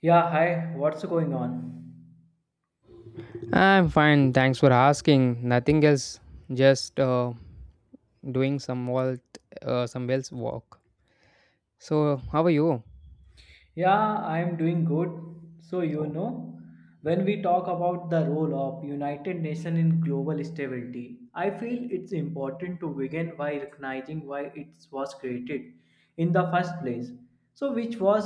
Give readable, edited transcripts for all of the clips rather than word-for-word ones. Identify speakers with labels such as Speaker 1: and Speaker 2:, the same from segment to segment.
Speaker 1: Yeah, hi, what's going on?
Speaker 2: I'm fine, thanks for asking. Nothing else, just doing some wells walk. So, how are you?
Speaker 1: Yeah, I'm doing good. So, when we talk about the role of United Nations in global stability, I feel it's important to begin by recognizing why it was created in the first place. So, which was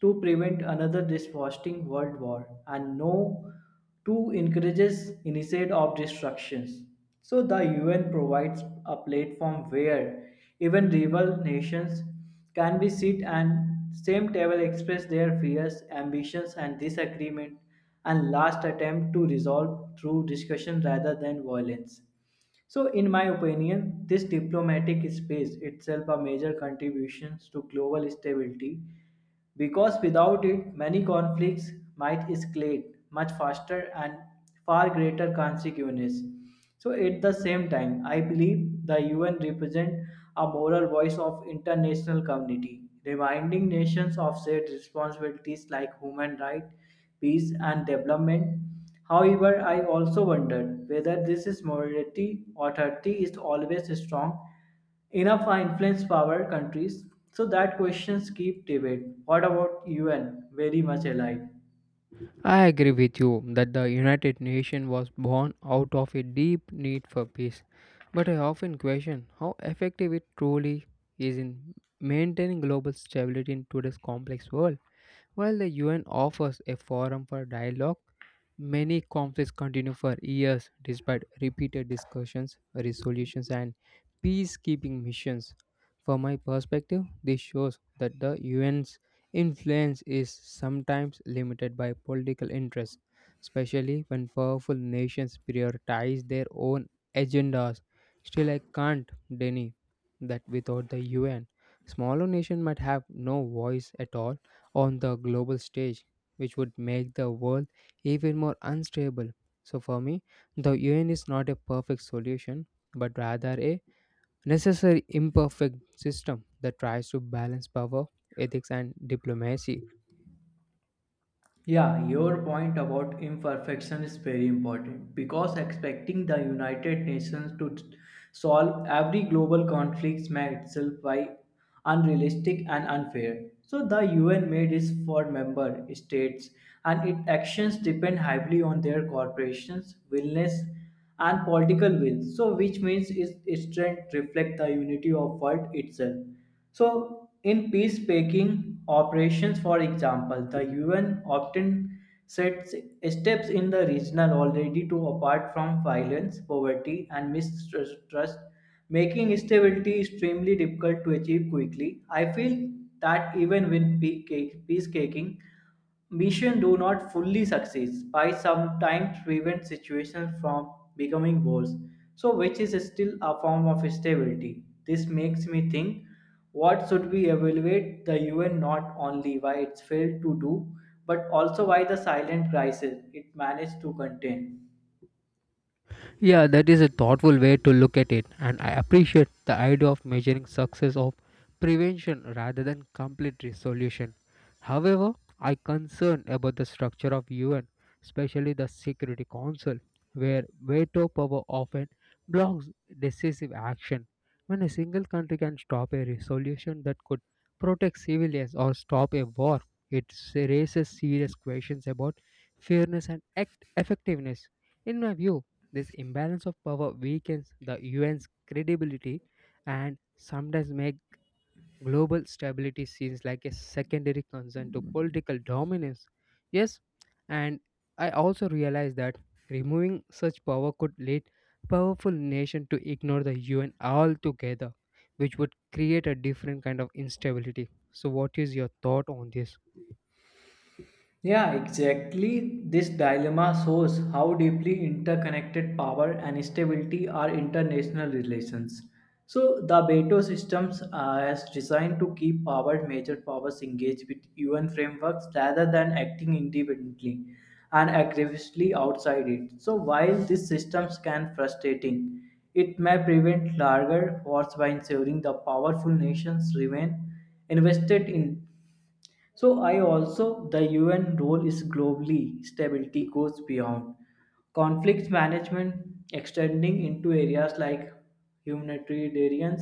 Speaker 1: to prevent another devastating world war and no to encourages initiate of destructions. So the UN provides a platform where even rival nations Can we sit and same table express their fears, ambitions and disagreement and last attempt to resolve through discussion rather than violence? So, in my opinion, this diplomatic space itself a major contribution to global stability because without it, many conflicts might escalate much faster and far greater consequences. So at the same time, I believe the UN represent a moral voice of international community, reminding nations of shared responsibilities like human rights, peace and development. However, I also wondered whether this is morality authority is always strong enough to influence power countries so that questions keep debate what about un very much alive.
Speaker 2: I agree with you that the United Nations was born out of a deep need for peace, but I often question how effective it truly is in maintaining global stability in today's complex world. While the UN offers a forum for dialogue, many conflicts continue for years despite repeated discussions, resolutions, and peacekeeping missions. From my perspective, this shows that the UN's influence is sometimes limited by political interests, especially when powerful nations prioritize their own agendas. Still, I can't deny that without the UN, smaller nations might have no voice at all on the global stage, which would make the world even more unstable. So, for me, the UN is not a perfect solution, but rather a necessary imperfect system that tries to balance power, ethics, and diplomacy.
Speaker 1: Yeah, your point about imperfection is very important because expecting the United Nations to solve every global conflict may itself be unrealistic and unfair. So the UN made is for member states and its actions depend heavily on their corporations, willingness and political will. So which means its strength reflect the unity of world itself. So, in peacemaking operations, for example, the UN often sets steps in the regional already to apart from violence, poverty, and mistrust, making stability extremely difficult to achieve quickly. I feel that even with peacemaking Missions do not fully succeed by sometimes prevent situations from becoming worse, so which is still a form of stability. This makes me think what should we evaluate the UN not only why it's failed to do, but also why the silent crisis it managed to contain.
Speaker 2: Yeah, that is a thoughtful way to look at it, and I appreciate the idea of measuring success of prevention rather than complete resolution. However, I concern about the structure of UN, especially the Security Council, where veto power often blocks decisive action. When a single country can stop a resolution that could protect civilians or stop a war, it raises serious questions about fairness and act effectiveness. In my view, this imbalance of power weakens the UN's credibility and sometimes make global stability seems like a secondary concern to political dominance. Yes, and I also realize that removing such power could lead powerful nation to ignore the UN altogether, which would create a different kind of instability. So what is your thought on this?
Speaker 1: Yeah, exactly. This dilemma shows how deeply interconnected power and stability are international relations. So, the veto systems are as designed to keep power major powers engaged with UN frameworks rather than acting independently and aggressively outside it. So, while these systems can frustrating, it may prevent larger wars by ensuring the powerful nations remain invested in, so I also the UN role is globally stability goes beyond conflict management extending into areas like humanitarian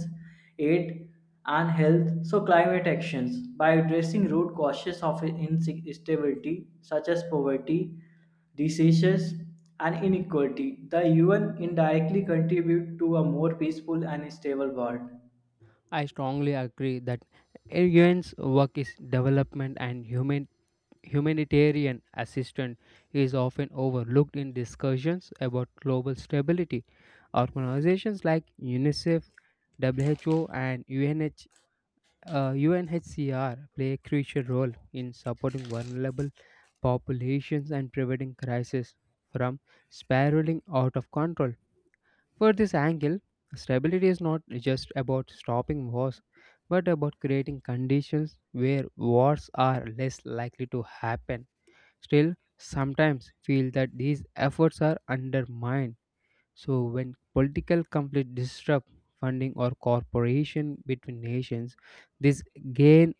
Speaker 1: aid and health so climate actions by addressing root causes of instability such as poverty diseases and inequality the UN indirectly contribute to a more peaceful and stable world.
Speaker 2: I strongly agree that UN's work is development and humanitarian assistance is often overlooked in discussions about global stability. Organizations like UNICEF, WHO, and UNHCR play a crucial role in supporting vulnerable populations and preventing crises from spiraling out of control. For this angle, stability is not just about stopping wars, but about creating conditions where wars are less likely to happen. Still, sometimes feel that these efforts are undermined. So, when political conflict disrupt funding or cooperation between nations, this gain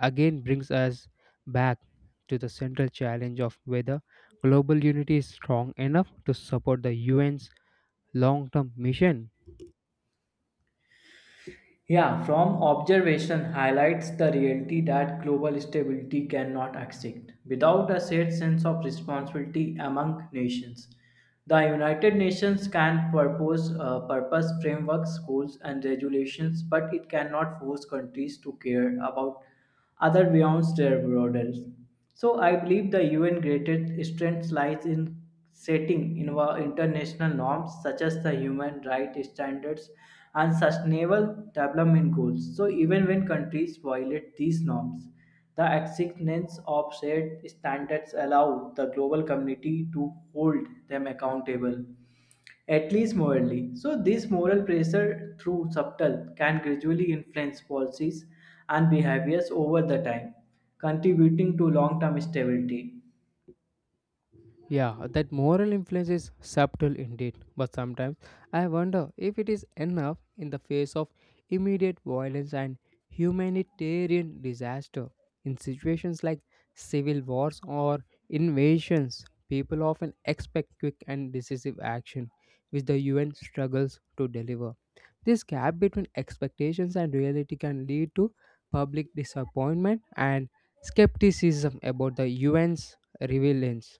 Speaker 2: again brings us back to the central challenge of whether global unity is strong enough to support the UN's long-term mission.
Speaker 1: Yeah, from observation highlights the reality that global stability cannot exist without a shared sense of responsibility among nations. The United Nations can propose purpose frameworks, goals, and regulations, but it cannot force countries to care about other beyond their borders. So I believe the UN greatest strength lies in setting international norms such as the human rights standards and sustainable development goals. So even when countries violate these norms, the existence of shared standards allow the global community to hold them accountable at least morally. So, this moral pressure, through subtle, can gradually influence policies and behaviors over the time, contributing to long term stability.
Speaker 2: Yeah, that moral influence is subtle indeed, but sometimes I wonder if it is enough in the face of immediate violence and humanitarian disaster. In situations like civil wars or invasions, people often expect quick and decisive action, which the UN struggles to deliver. This gap between expectations and reality can lead to public disappointment and skepticism about the UN's relevance.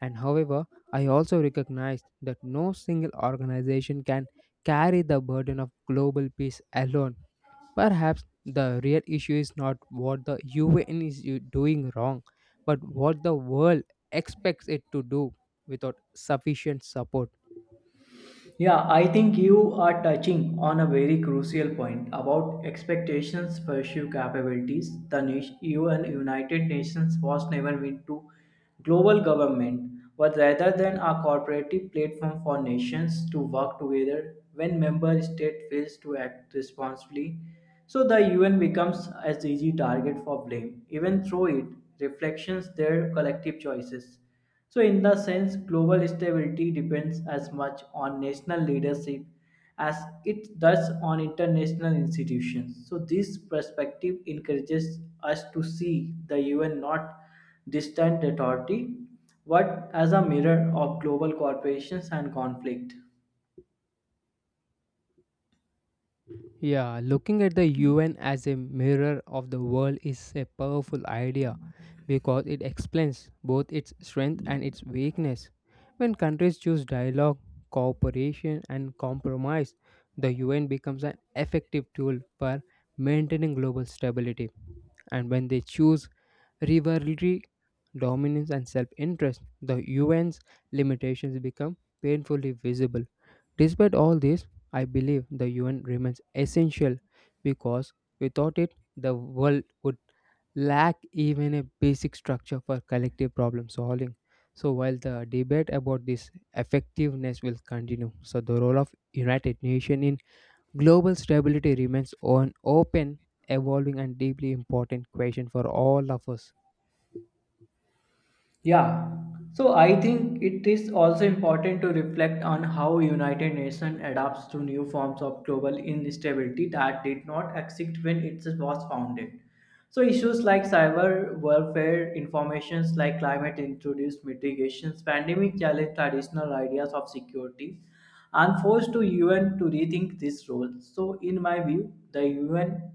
Speaker 2: And however, I also recognize that no single organization can carry the burden of global peace alone. Perhaps the real issue is not what the UN is doing wrong, but what the world expects it to do without sufficient support.
Speaker 1: Yeah, I think you are touching on a very crucial point about expectations pursue capabilities. The nation, UN United Nations was never meant to global government, but rather than a cooperative platform for nations to work together when member state fails to act responsibly. So the UN becomes as easy target for blame, even through it reflections their collective choices. So, in the sense, global stability depends as much on national leadership as it does on international institutions. So, this perspective encourages us to see the UN not distant authority, but as a mirror of global corporations and conflict.
Speaker 2: Yeah, looking at the UN as a mirror of the world is a powerful idea because it explains both its strength and its weakness. When countries choose dialogue, cooperation, and compromise, the UN becomes an effective tool for maintaining global stability. And when they choose rivalry, dominance, and self interest, the UN's limitations become painfully visible. Despite all this, I believe the UN remains essential because without it, the world would lack even a basic structure for collective problem solving. So, while the debate about this effectiveness will continue, so the role of United Nations in global stability remains an open, evolving, and deeply important question for all of us.
Speaker 1: Yeah, so I think it is also important to reflect on how United Nations adapts to new forms of global instability that did not exist when it was founded. So issues like cyber warfare, informations like climate introduced mitigations, pandemic challenge traditional ideas of security, and forced to UN to rethink this role. So in my view, the UN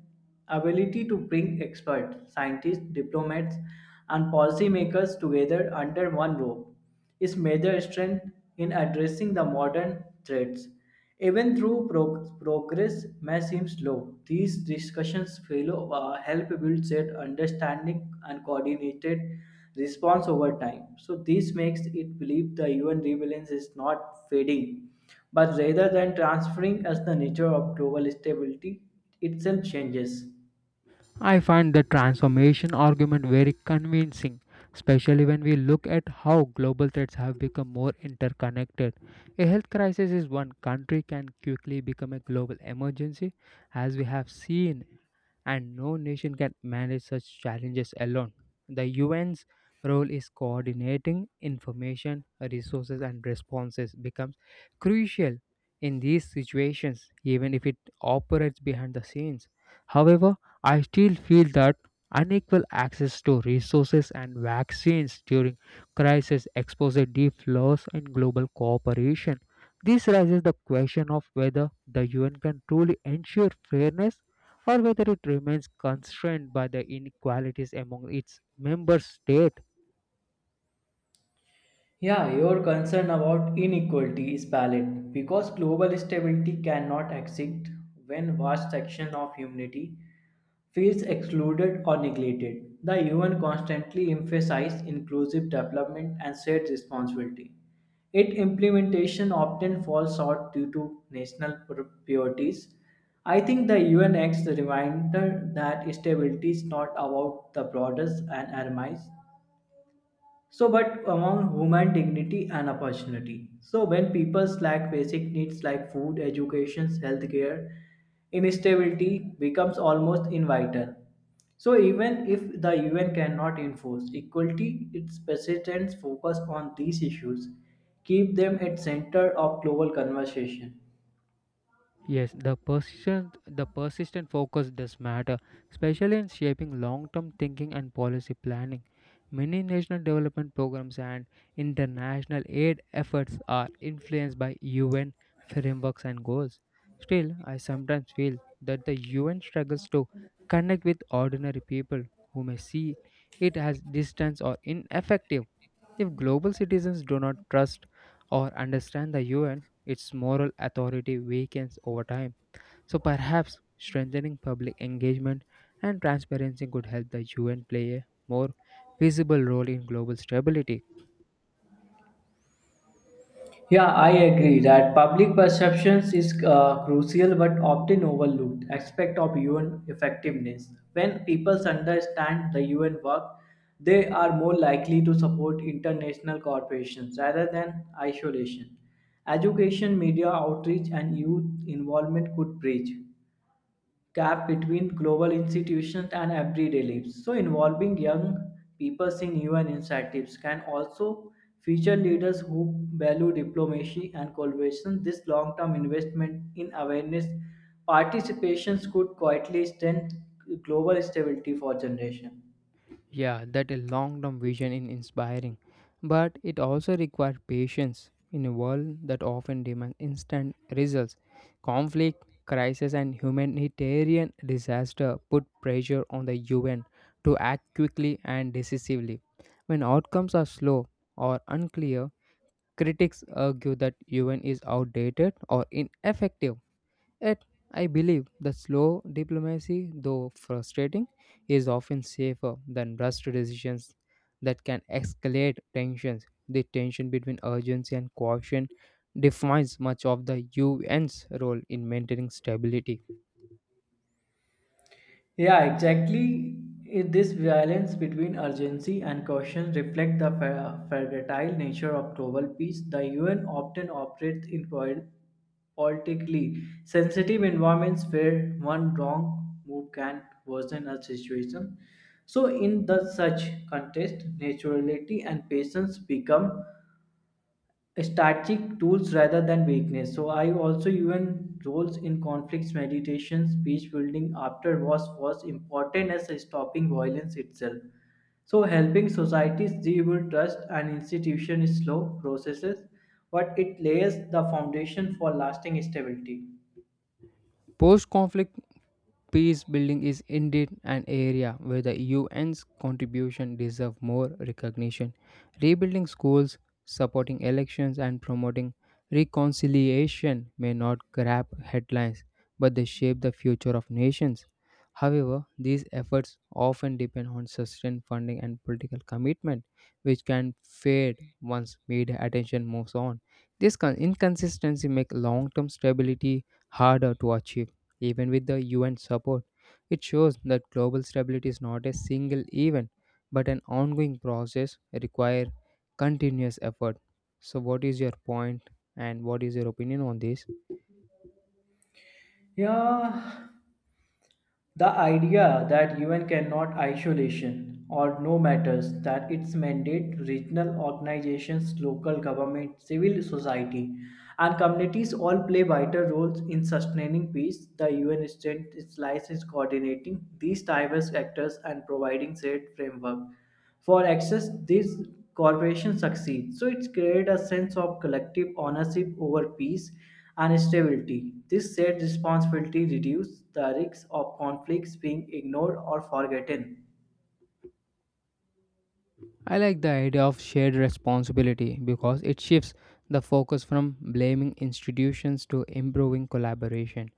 Speaker 1: ability to bring experts, scientists, diplomats, and policymakers together under one roof is major strength in addressing the modern threats. Even though progress may seem slow, these discussions fellow, help build shared understanding and coordinated response over time. So this makes it believe the UN relevance is not fading but rather than transferring as the nature of global stability itself changes.
Speaker 2: I find the transformation argument very convincing, especially when we look at how global threats have become more interconnected. A health crisis is one country can quickly become a global emergency, as we have seen, and no nation can manage such challenges alone. The UN's role is coordinating information, resources, and responses becomes crucial in these situations, even if it operates behind the scenes. However, I still feel that unequal access to resources and vaccines during crisis exposes deep flaws in global cooperation. This raises the question of whether the UN can truly ensure fairness or whether it remains constrained by the inequalities among its member states.
Speaker 1: Yeah, your concern about inequality is valid because global stability cannot exist when vast section of humanity feels excluded or neglected. The UN constantly emphasizes inclusive development and shared responsibility. Its implementation often falls short due to national priorities. I think the UN acts the reminder that stability is not about the borders and armies, so, but among human dignity and opportunity. So, when people lack basic needs like food, education, healthcare, instability becomes almost inevitable. So, even if the UN cannot enforce equality, its presidents focus on these issues, keep them at center of global conversation.
Speaker 2: Yes, the persistent focus does matter, especially in shaping long-term thinking and policy planning. Many national development programs and international aid efforts are influenced by UN frameworks and goals. Still, I sometimes feel that the UN struggles to connect with ordinary people who may see it as distant or ineffective. If global citizens do not trust or understand the UN, its moral authority weakens over time. So perhaps strengthening public engagement and transparency could help the UN play a more visible role in global stability.
Speaker 1: Yeah, I agree that public perceptions is crucial but often overlooked aspect of UN effectiveness. When people understand the UN work, they are more likely to support international corporations rather than isolation. Education, media outreach, and youth involvement could bridge gap between global institutions and everyday lives. So, involving young people in UN initiatives can also feature leaders who value diplomacy and collaboration. This long term investment in awareness participations could quietly strengthen global stability for generations.
Speaker 2: Yeah, that a long-term vision is inspiring, but it also requires patience in a world that often demands instant results. Conflict, crisis, and humanitarian disaster put pressure on the UN to act quickly and decisively. When outcomes are slow or unclear, critics argue that UN is outdated or ineffective. Yet, I believe that slow diplomacy, though frustrating, is often safer than rushed decisions that can escalate tensions. The tension between urgency and caution defines much of the UN's role in maintaining stability.
Speaker 1: Yeah, exactly. This balance between urgency and caution reflect the fragile nature of global peace. The UN often operates in politically sensitive environments where one wrong move can worsen a situation. So, in the such context, naturality and patience become strategic tools rather than weakness. So I also even roles in conflicts, meditations, peace building after was important as stopping violence itself. So helping societies rebuild trust and institution is slow processes, but it lays the foundation for lasting stability.
Speaker 2: Post conflict peace building is indeed an area where the UN's contribution deserves more recognition. Rebuilding schools, supporting elections, and promoting reconciliation may not grab headlines, but they shape the future of nations. However, these efforts often depend on sustained funding and political commitment, which can fade once media attention moves on. This inconsistency makes long term stability harder to achieve. Even with the UN support, it shows that global stability is not a single event but an ongoing process require continuous effort. So what is your point and what is your opinion on this?
Speaker 1: Yeah, the idea that UN cannot isolation or no matters that its mandate regional organizations, local government, civil society and communities all play vital roles in sustaining peace. The UN strength its lies is coordinating these diverse actors and providing shared framework for access these corporations succeed so it's created a sense of collective ownership over peace and stability this shared responsibility reduces the risk of conflicts being ignored or forgotten.
Speaker 2: I like the idea of shared responsibility because it shifts the focus from blaming institutions to improving collaboration.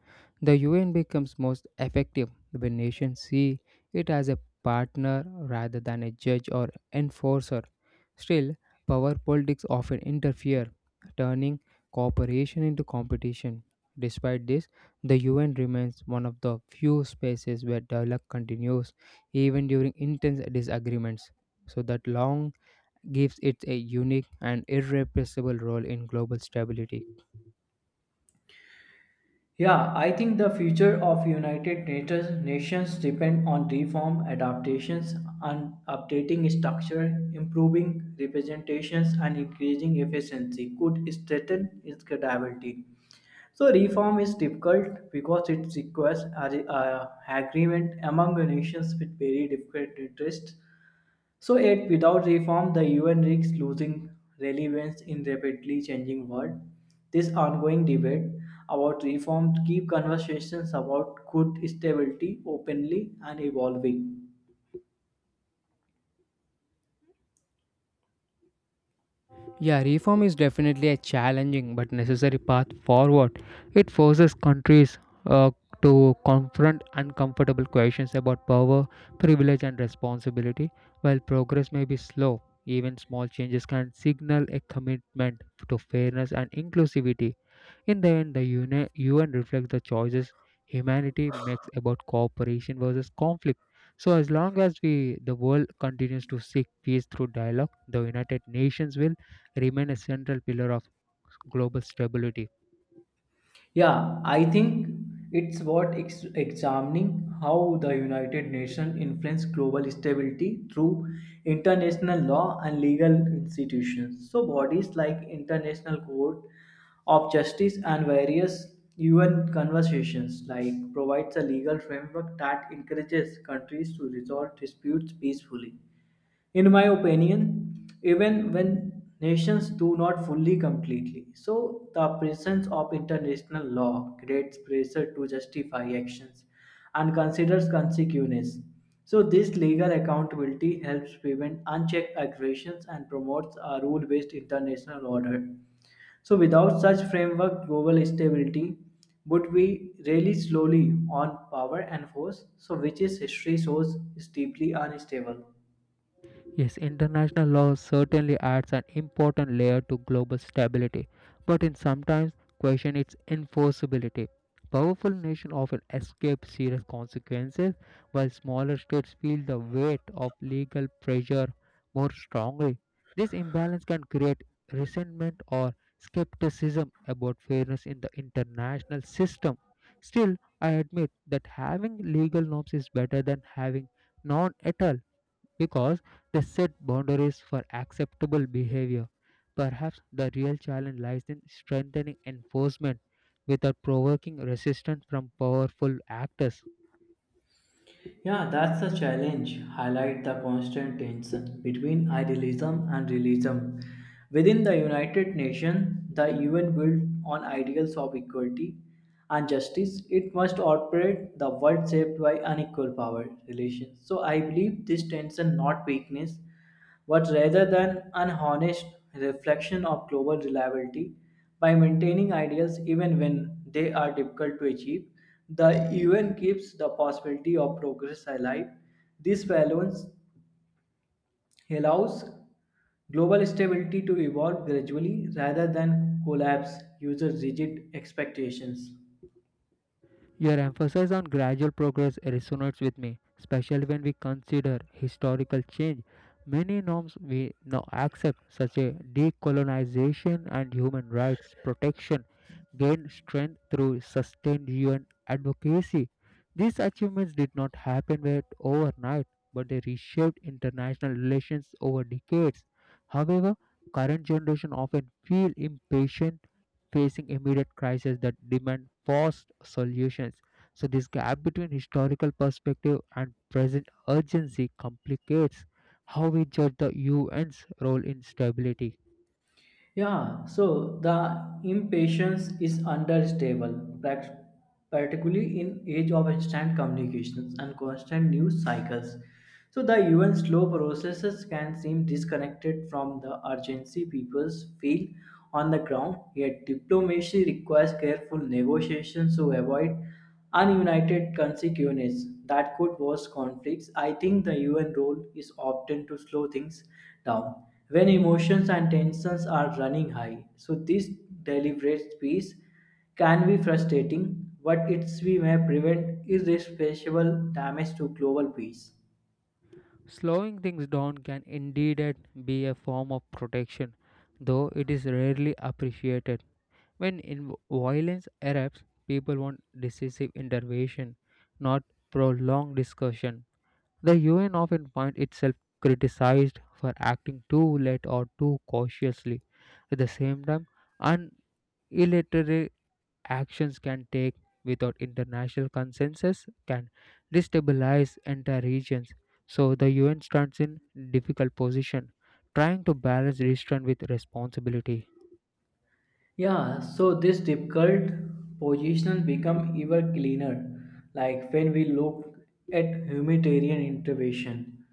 Speaker 2: The UN becomes most effective when nations see it as a partner rather than a judge or enforcer. Still, power politics often interfere, turning cooperation into competition. Despite this, the UN remains one of the few spaces where dialogue continues even during intense disagreements so that long gives it a unique and irreplaceable role in global stability.
Speaker 1: Yeah, I think the future of United Nations nations depend on reform, adaptations, and updating structure, improving representations, and increasing efficiency could strengthen its credibility. So reform is difficult because it requires a agreement among nations with very different interests so yet without reform, the UN risks losing relevance in rapidly changing world. This ongoing debate about reform keep conversations about good stability openly and evolving.
Speaker 2: Yeah, reform is definitely a challenging but necessary path forward. It forces countries uh, to confront uncomfortable questions about power, privilege, and responsibility. While progress may be slow, even small changes can signal a commitment to fairness and inclusivity. In the end, the UN reflects the choices humanity makes about cooperation versus conflict. So, as long as we the world continues to seek peace through dialogue, the United Nations will remain a central pillar of global stability.
Speaker 1: Yeah, I think it's worth examining how the United Nations influence global stability through international law and legal institutions. So bodies like International Court of Justice and various UN conversations like provides a legal framework that encourages countries to resolve disputes peacefully in my opinion, even when nations do not fully completely. So, the presence of international law creates pressure to justify actions and considers consequences. So, this legal accountability helps prevent unchecked aggressions and promotes a rule based international order. So, without such framework, global stability would be really slowly on power and force, so which is history shows is deeply unstable.
Speaker 2: Yes, international law certainly adds an important layer to global stability, but in sometimes question its enforceability. Powerful nations often escape serious consequences, while smaller states feel the weight of legal pressure more strongly. This imbalance can create resentment or skepticism about fairness in the international system. Still, I admit that having legal norms is better than having none at all because they set boundaries for acceptable behavior. Perhaps the real challenge lies in strengthening enforcement without provoking resistance from powerful actors.
Speaker 1: Yeah, that's the challenge. Highlight the constant tension between idealism and realism. Within the United Nations, the UN built on ideals of equality and justice, it must operate the world shaped by unequal power relations. So I believe this tension, not weakness, but rather than an honest reflection of global reliability. By maintaining ideals even when they are difficult to achieve, the UN keeps the possibility of progress alive. This balance allows global stability to evolve gradually rather than collapse user rigid expectations.
Speaker 2: Your emphasis on gradual progress resonates with me, especially when we consider historical change. Many norms we now accept, such as decolonization and human rights protection, gain strength through sustained UN advocacy. These achievements did not happen overnight, but they reshaped international relations over decades. However, current generation often feel impatient facing immediate crises that demand fast solutions. So, this gap between historical perspective and present urgency complicates how we judge the UN's role in stability.
Speaker 1: Yeah, so the impatience is understable, particularly in age of instant communications and constant news cycles. So the even slow processes can seem disconnected from the urgency peoples feel on the ground. Yet diplomacy requires careful negotiations to avoid Ununited consequences that could worsen conflicts. I think the UN role is often to slow things down when emotions and tensions are running high. So this deliberate peace can be frustrating, but it's we may prevent irreversible damage to global peace.
Speaker 2: Slowing things down can indeed be a form of protection, though it is rarely appreciated. When in violence erupts, people want decisive intervention, not prolonged discussion. The UN often finds itself criticized for acting too late or too cautiously. At the same time, unilateral actions can take without international consensus can destabilize entire regions. So the UN stands in difficult position, trying to balance restraint with responsibility.
Speaker 1: Yeah, so this difficult position become even cleaner, like when we look at humanitarian intervention.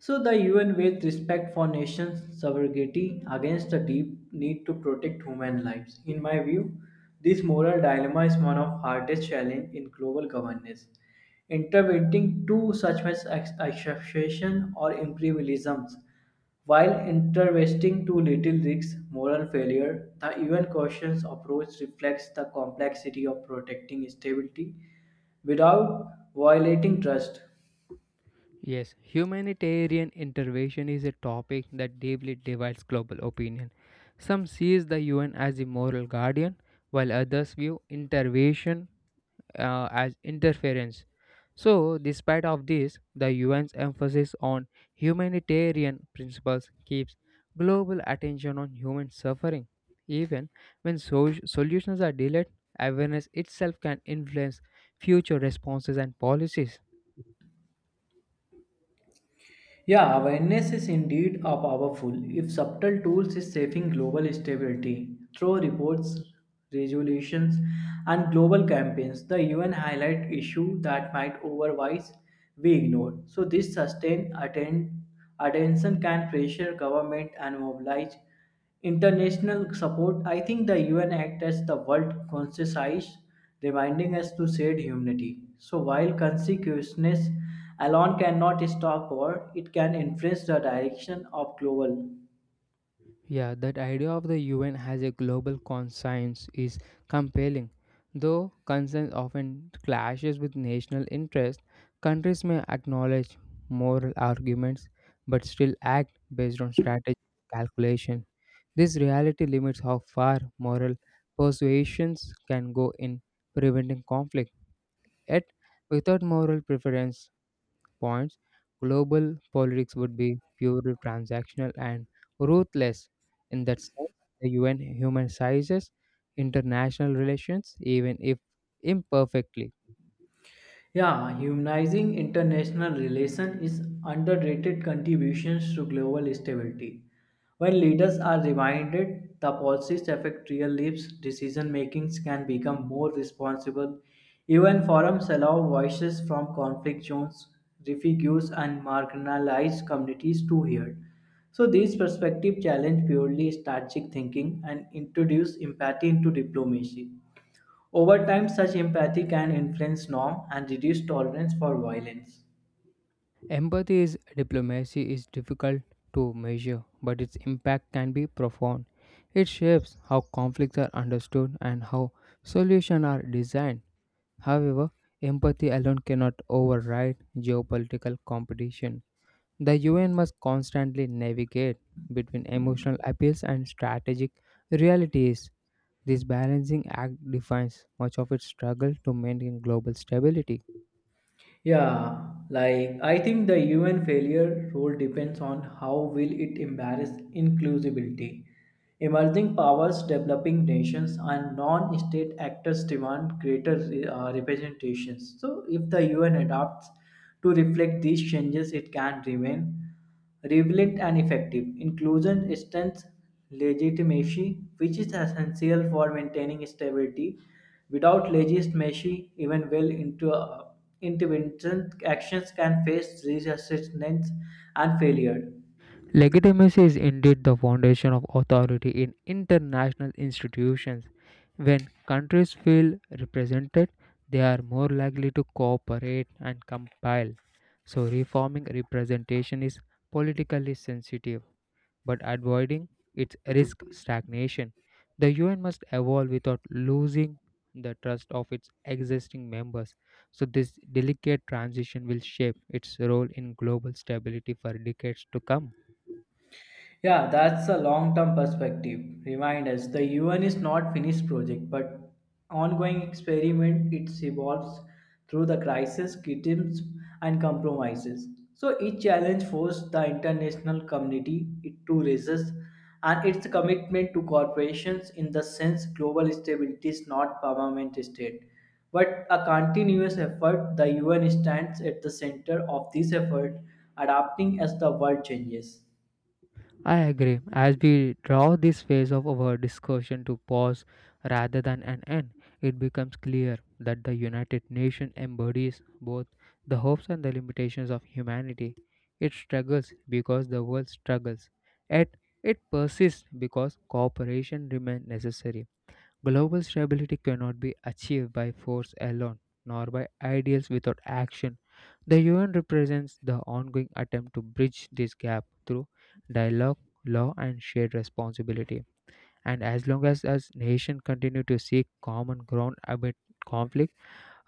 Speaker 1: So the UN with respect for nations' sovereignty against the deep need to protect human lives. In my view, this moral dilemma is one of hardest challenge in global governance. Interventing too such as exception or imperialisms while interventing too little risks moral failure, the UN questions approach reflects the complexity of protecting stability without violating trust.
Speaker 2: Yes, humanitarian intervention is a topic that deeply divides global opinion. Some sees the UN as the moral guardian, while others view intervention as interference. So, despite of this, the UN's emphasis on humanitarian principles keeps global attention on human suffering. Even when solutions are delayed, awareness itself can influence future responses and policies.
Speaker 1: Yeah, awareness is indeed a powerful, if subtle tools is saving global stability through reports, resolutions, and global campaigns. The UN highlight issue that might otherwise be ignored. So this sustained attention can pressure government and mobilize International support, I think the UN Act as the world conscious reminding us to shared humanity. So while consciousness alone cannot stop war, it can influence the direction of global.
Speaker 2: Yeah, that idea of the UN has a global conscience is compelling. Though conscience often clashes with national interest, countries may acknowledge moral arguments but still act based on strategic calculation. This reality limits how far moral persuasions can go in preventing conflict. Yet, without moral preference, points, global politics would be purely transactional and ruthless. In that sense, the UN humanizes international relations, even if imperfectly.
Speaker 1: Yeah, humanizing international relations is underrated contributions to global stability. When leaders are reminded the policies affect real lives, decision makings can become more responsible. Even forums allow voices from conflict zones, refugees, and marginalized communities to hear. So these perspectives challenge purely strategic thinking and introduce empathy into diplomacy. Over time, such empathy can influence norm and reduce tolerance for violence.
Speaker 2: Empathy is diplomacy is difficult to measure, but its impact can be profound. It shapes how conflicts are understood and how solutions are designed. However, empathy alone cannot override geopolitical competition. The UN must constantly navigate between emotional appeals and strategic realities. This balancing act defines much of its struggle to maintain global stability.
Speaker 1: Yeah, like I think the UN failure role depends on how will it embrace inclusivity. Emerging powers, developing nations, and non-state actors demand greater representations. So, if the UN adapts to reflect these changes, it can remain relevant and effective. Inclusion strengthens legitimacy, which is essential for maintaining stability. Without legitimacy, even well into intervention actions can face resistance and failure.
Speaker 2: Legitimacy is indeed the foundation of authority in international institutions. When countries feel represented, they are more likely to cooperate and compile. So, reforming representation is politically sensitive, but avoiding its risk stagnation. The UN must evolve without losing the trust of its existing members. So, this delicate transition will shape its role in global stability for decades to come.
Speaker 1: Yeah, that's a long-term perspective. Remind us, the UN is not finished project, but ongoing experiment. It evolves through the crisis, criticisms, and compromises. So each challenge forced the international community it to resist, and its commitment to corporations in the sense global stability is not permanent state, but a continuous effort. The UN stands at the center of this effort, adapting as the world changes.
Speaker 2: I agree. As we draw this phase of our discussion to pause rather than an end, it becomes clear that the United Nations embodies both the hopes and the limitations of humanity. It struggles because the world struggles, yet it persists because cooperation remains necessary. Global stability cannot be achieved by force alone, nor by ideals without action. The UN represents the ongoing attempt to bridge this gap through dialogue, law, and shared responsibility. And as long as nations continue to seek common ground amid conflict,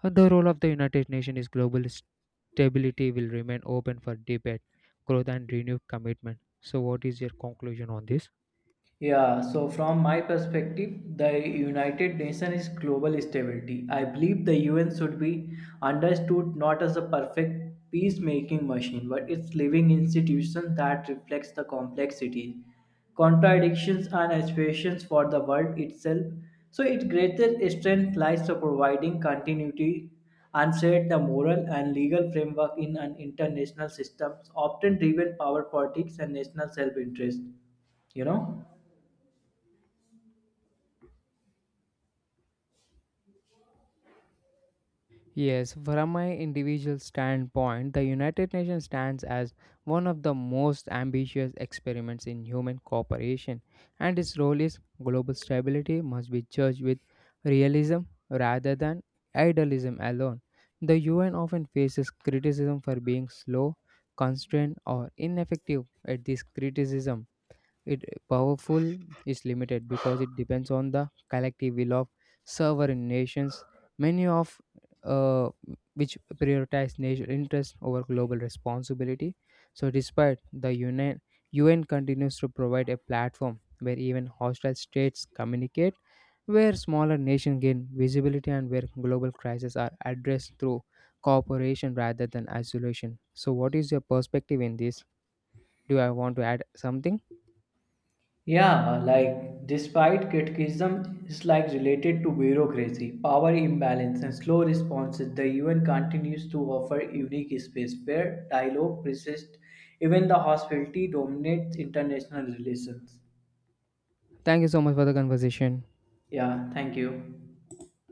Speaker 2: the role of the United Nations is global stability will remain open for debate, growth, and renewed commitment. So, what is your conclusion on this?
Speaker 1: Yeah, so from my perspective, the United Nations is global stability. I believe the UN should be understood not as a perfect peacemaking machine, but its living institution that reflects the complexities, contradictions, and aspirations for the world itself. So its greatest strength lies to providing continuity and set the moral and legal framework in an international system, often driven power politics and national self-interest. You know.
Speaker 2: Yes, from my individual standpoint, the United Nations stands as one of the most ambitious experiments in human cooperation, and its role is global stability must be judged with realism rather than idealism alone. The UN often faces criticism for being slow, constrained, or ineffective at this criticism it powerful is limited because it depends on the collective will of sovereign nations, many of uh, which prioritize national interest over global responsibility. So, despite the UN continues to provide a platform where even hostile states communicate, where smaller nations gain visibility, and where global crises are addressed through cooperation rather than isolation. So, what is your perspective in this? Do I want to add something?
Speaker 1: Yeah, like despite criticism is like related to bureaucracy, power imbalance, and slow responses, the UN continues to offer unique space where dialogue persists. Even the hostility dominates international relations.
Speaker 2: Thank you so much for the conversation.
Speaker 1: Yeah, thank you.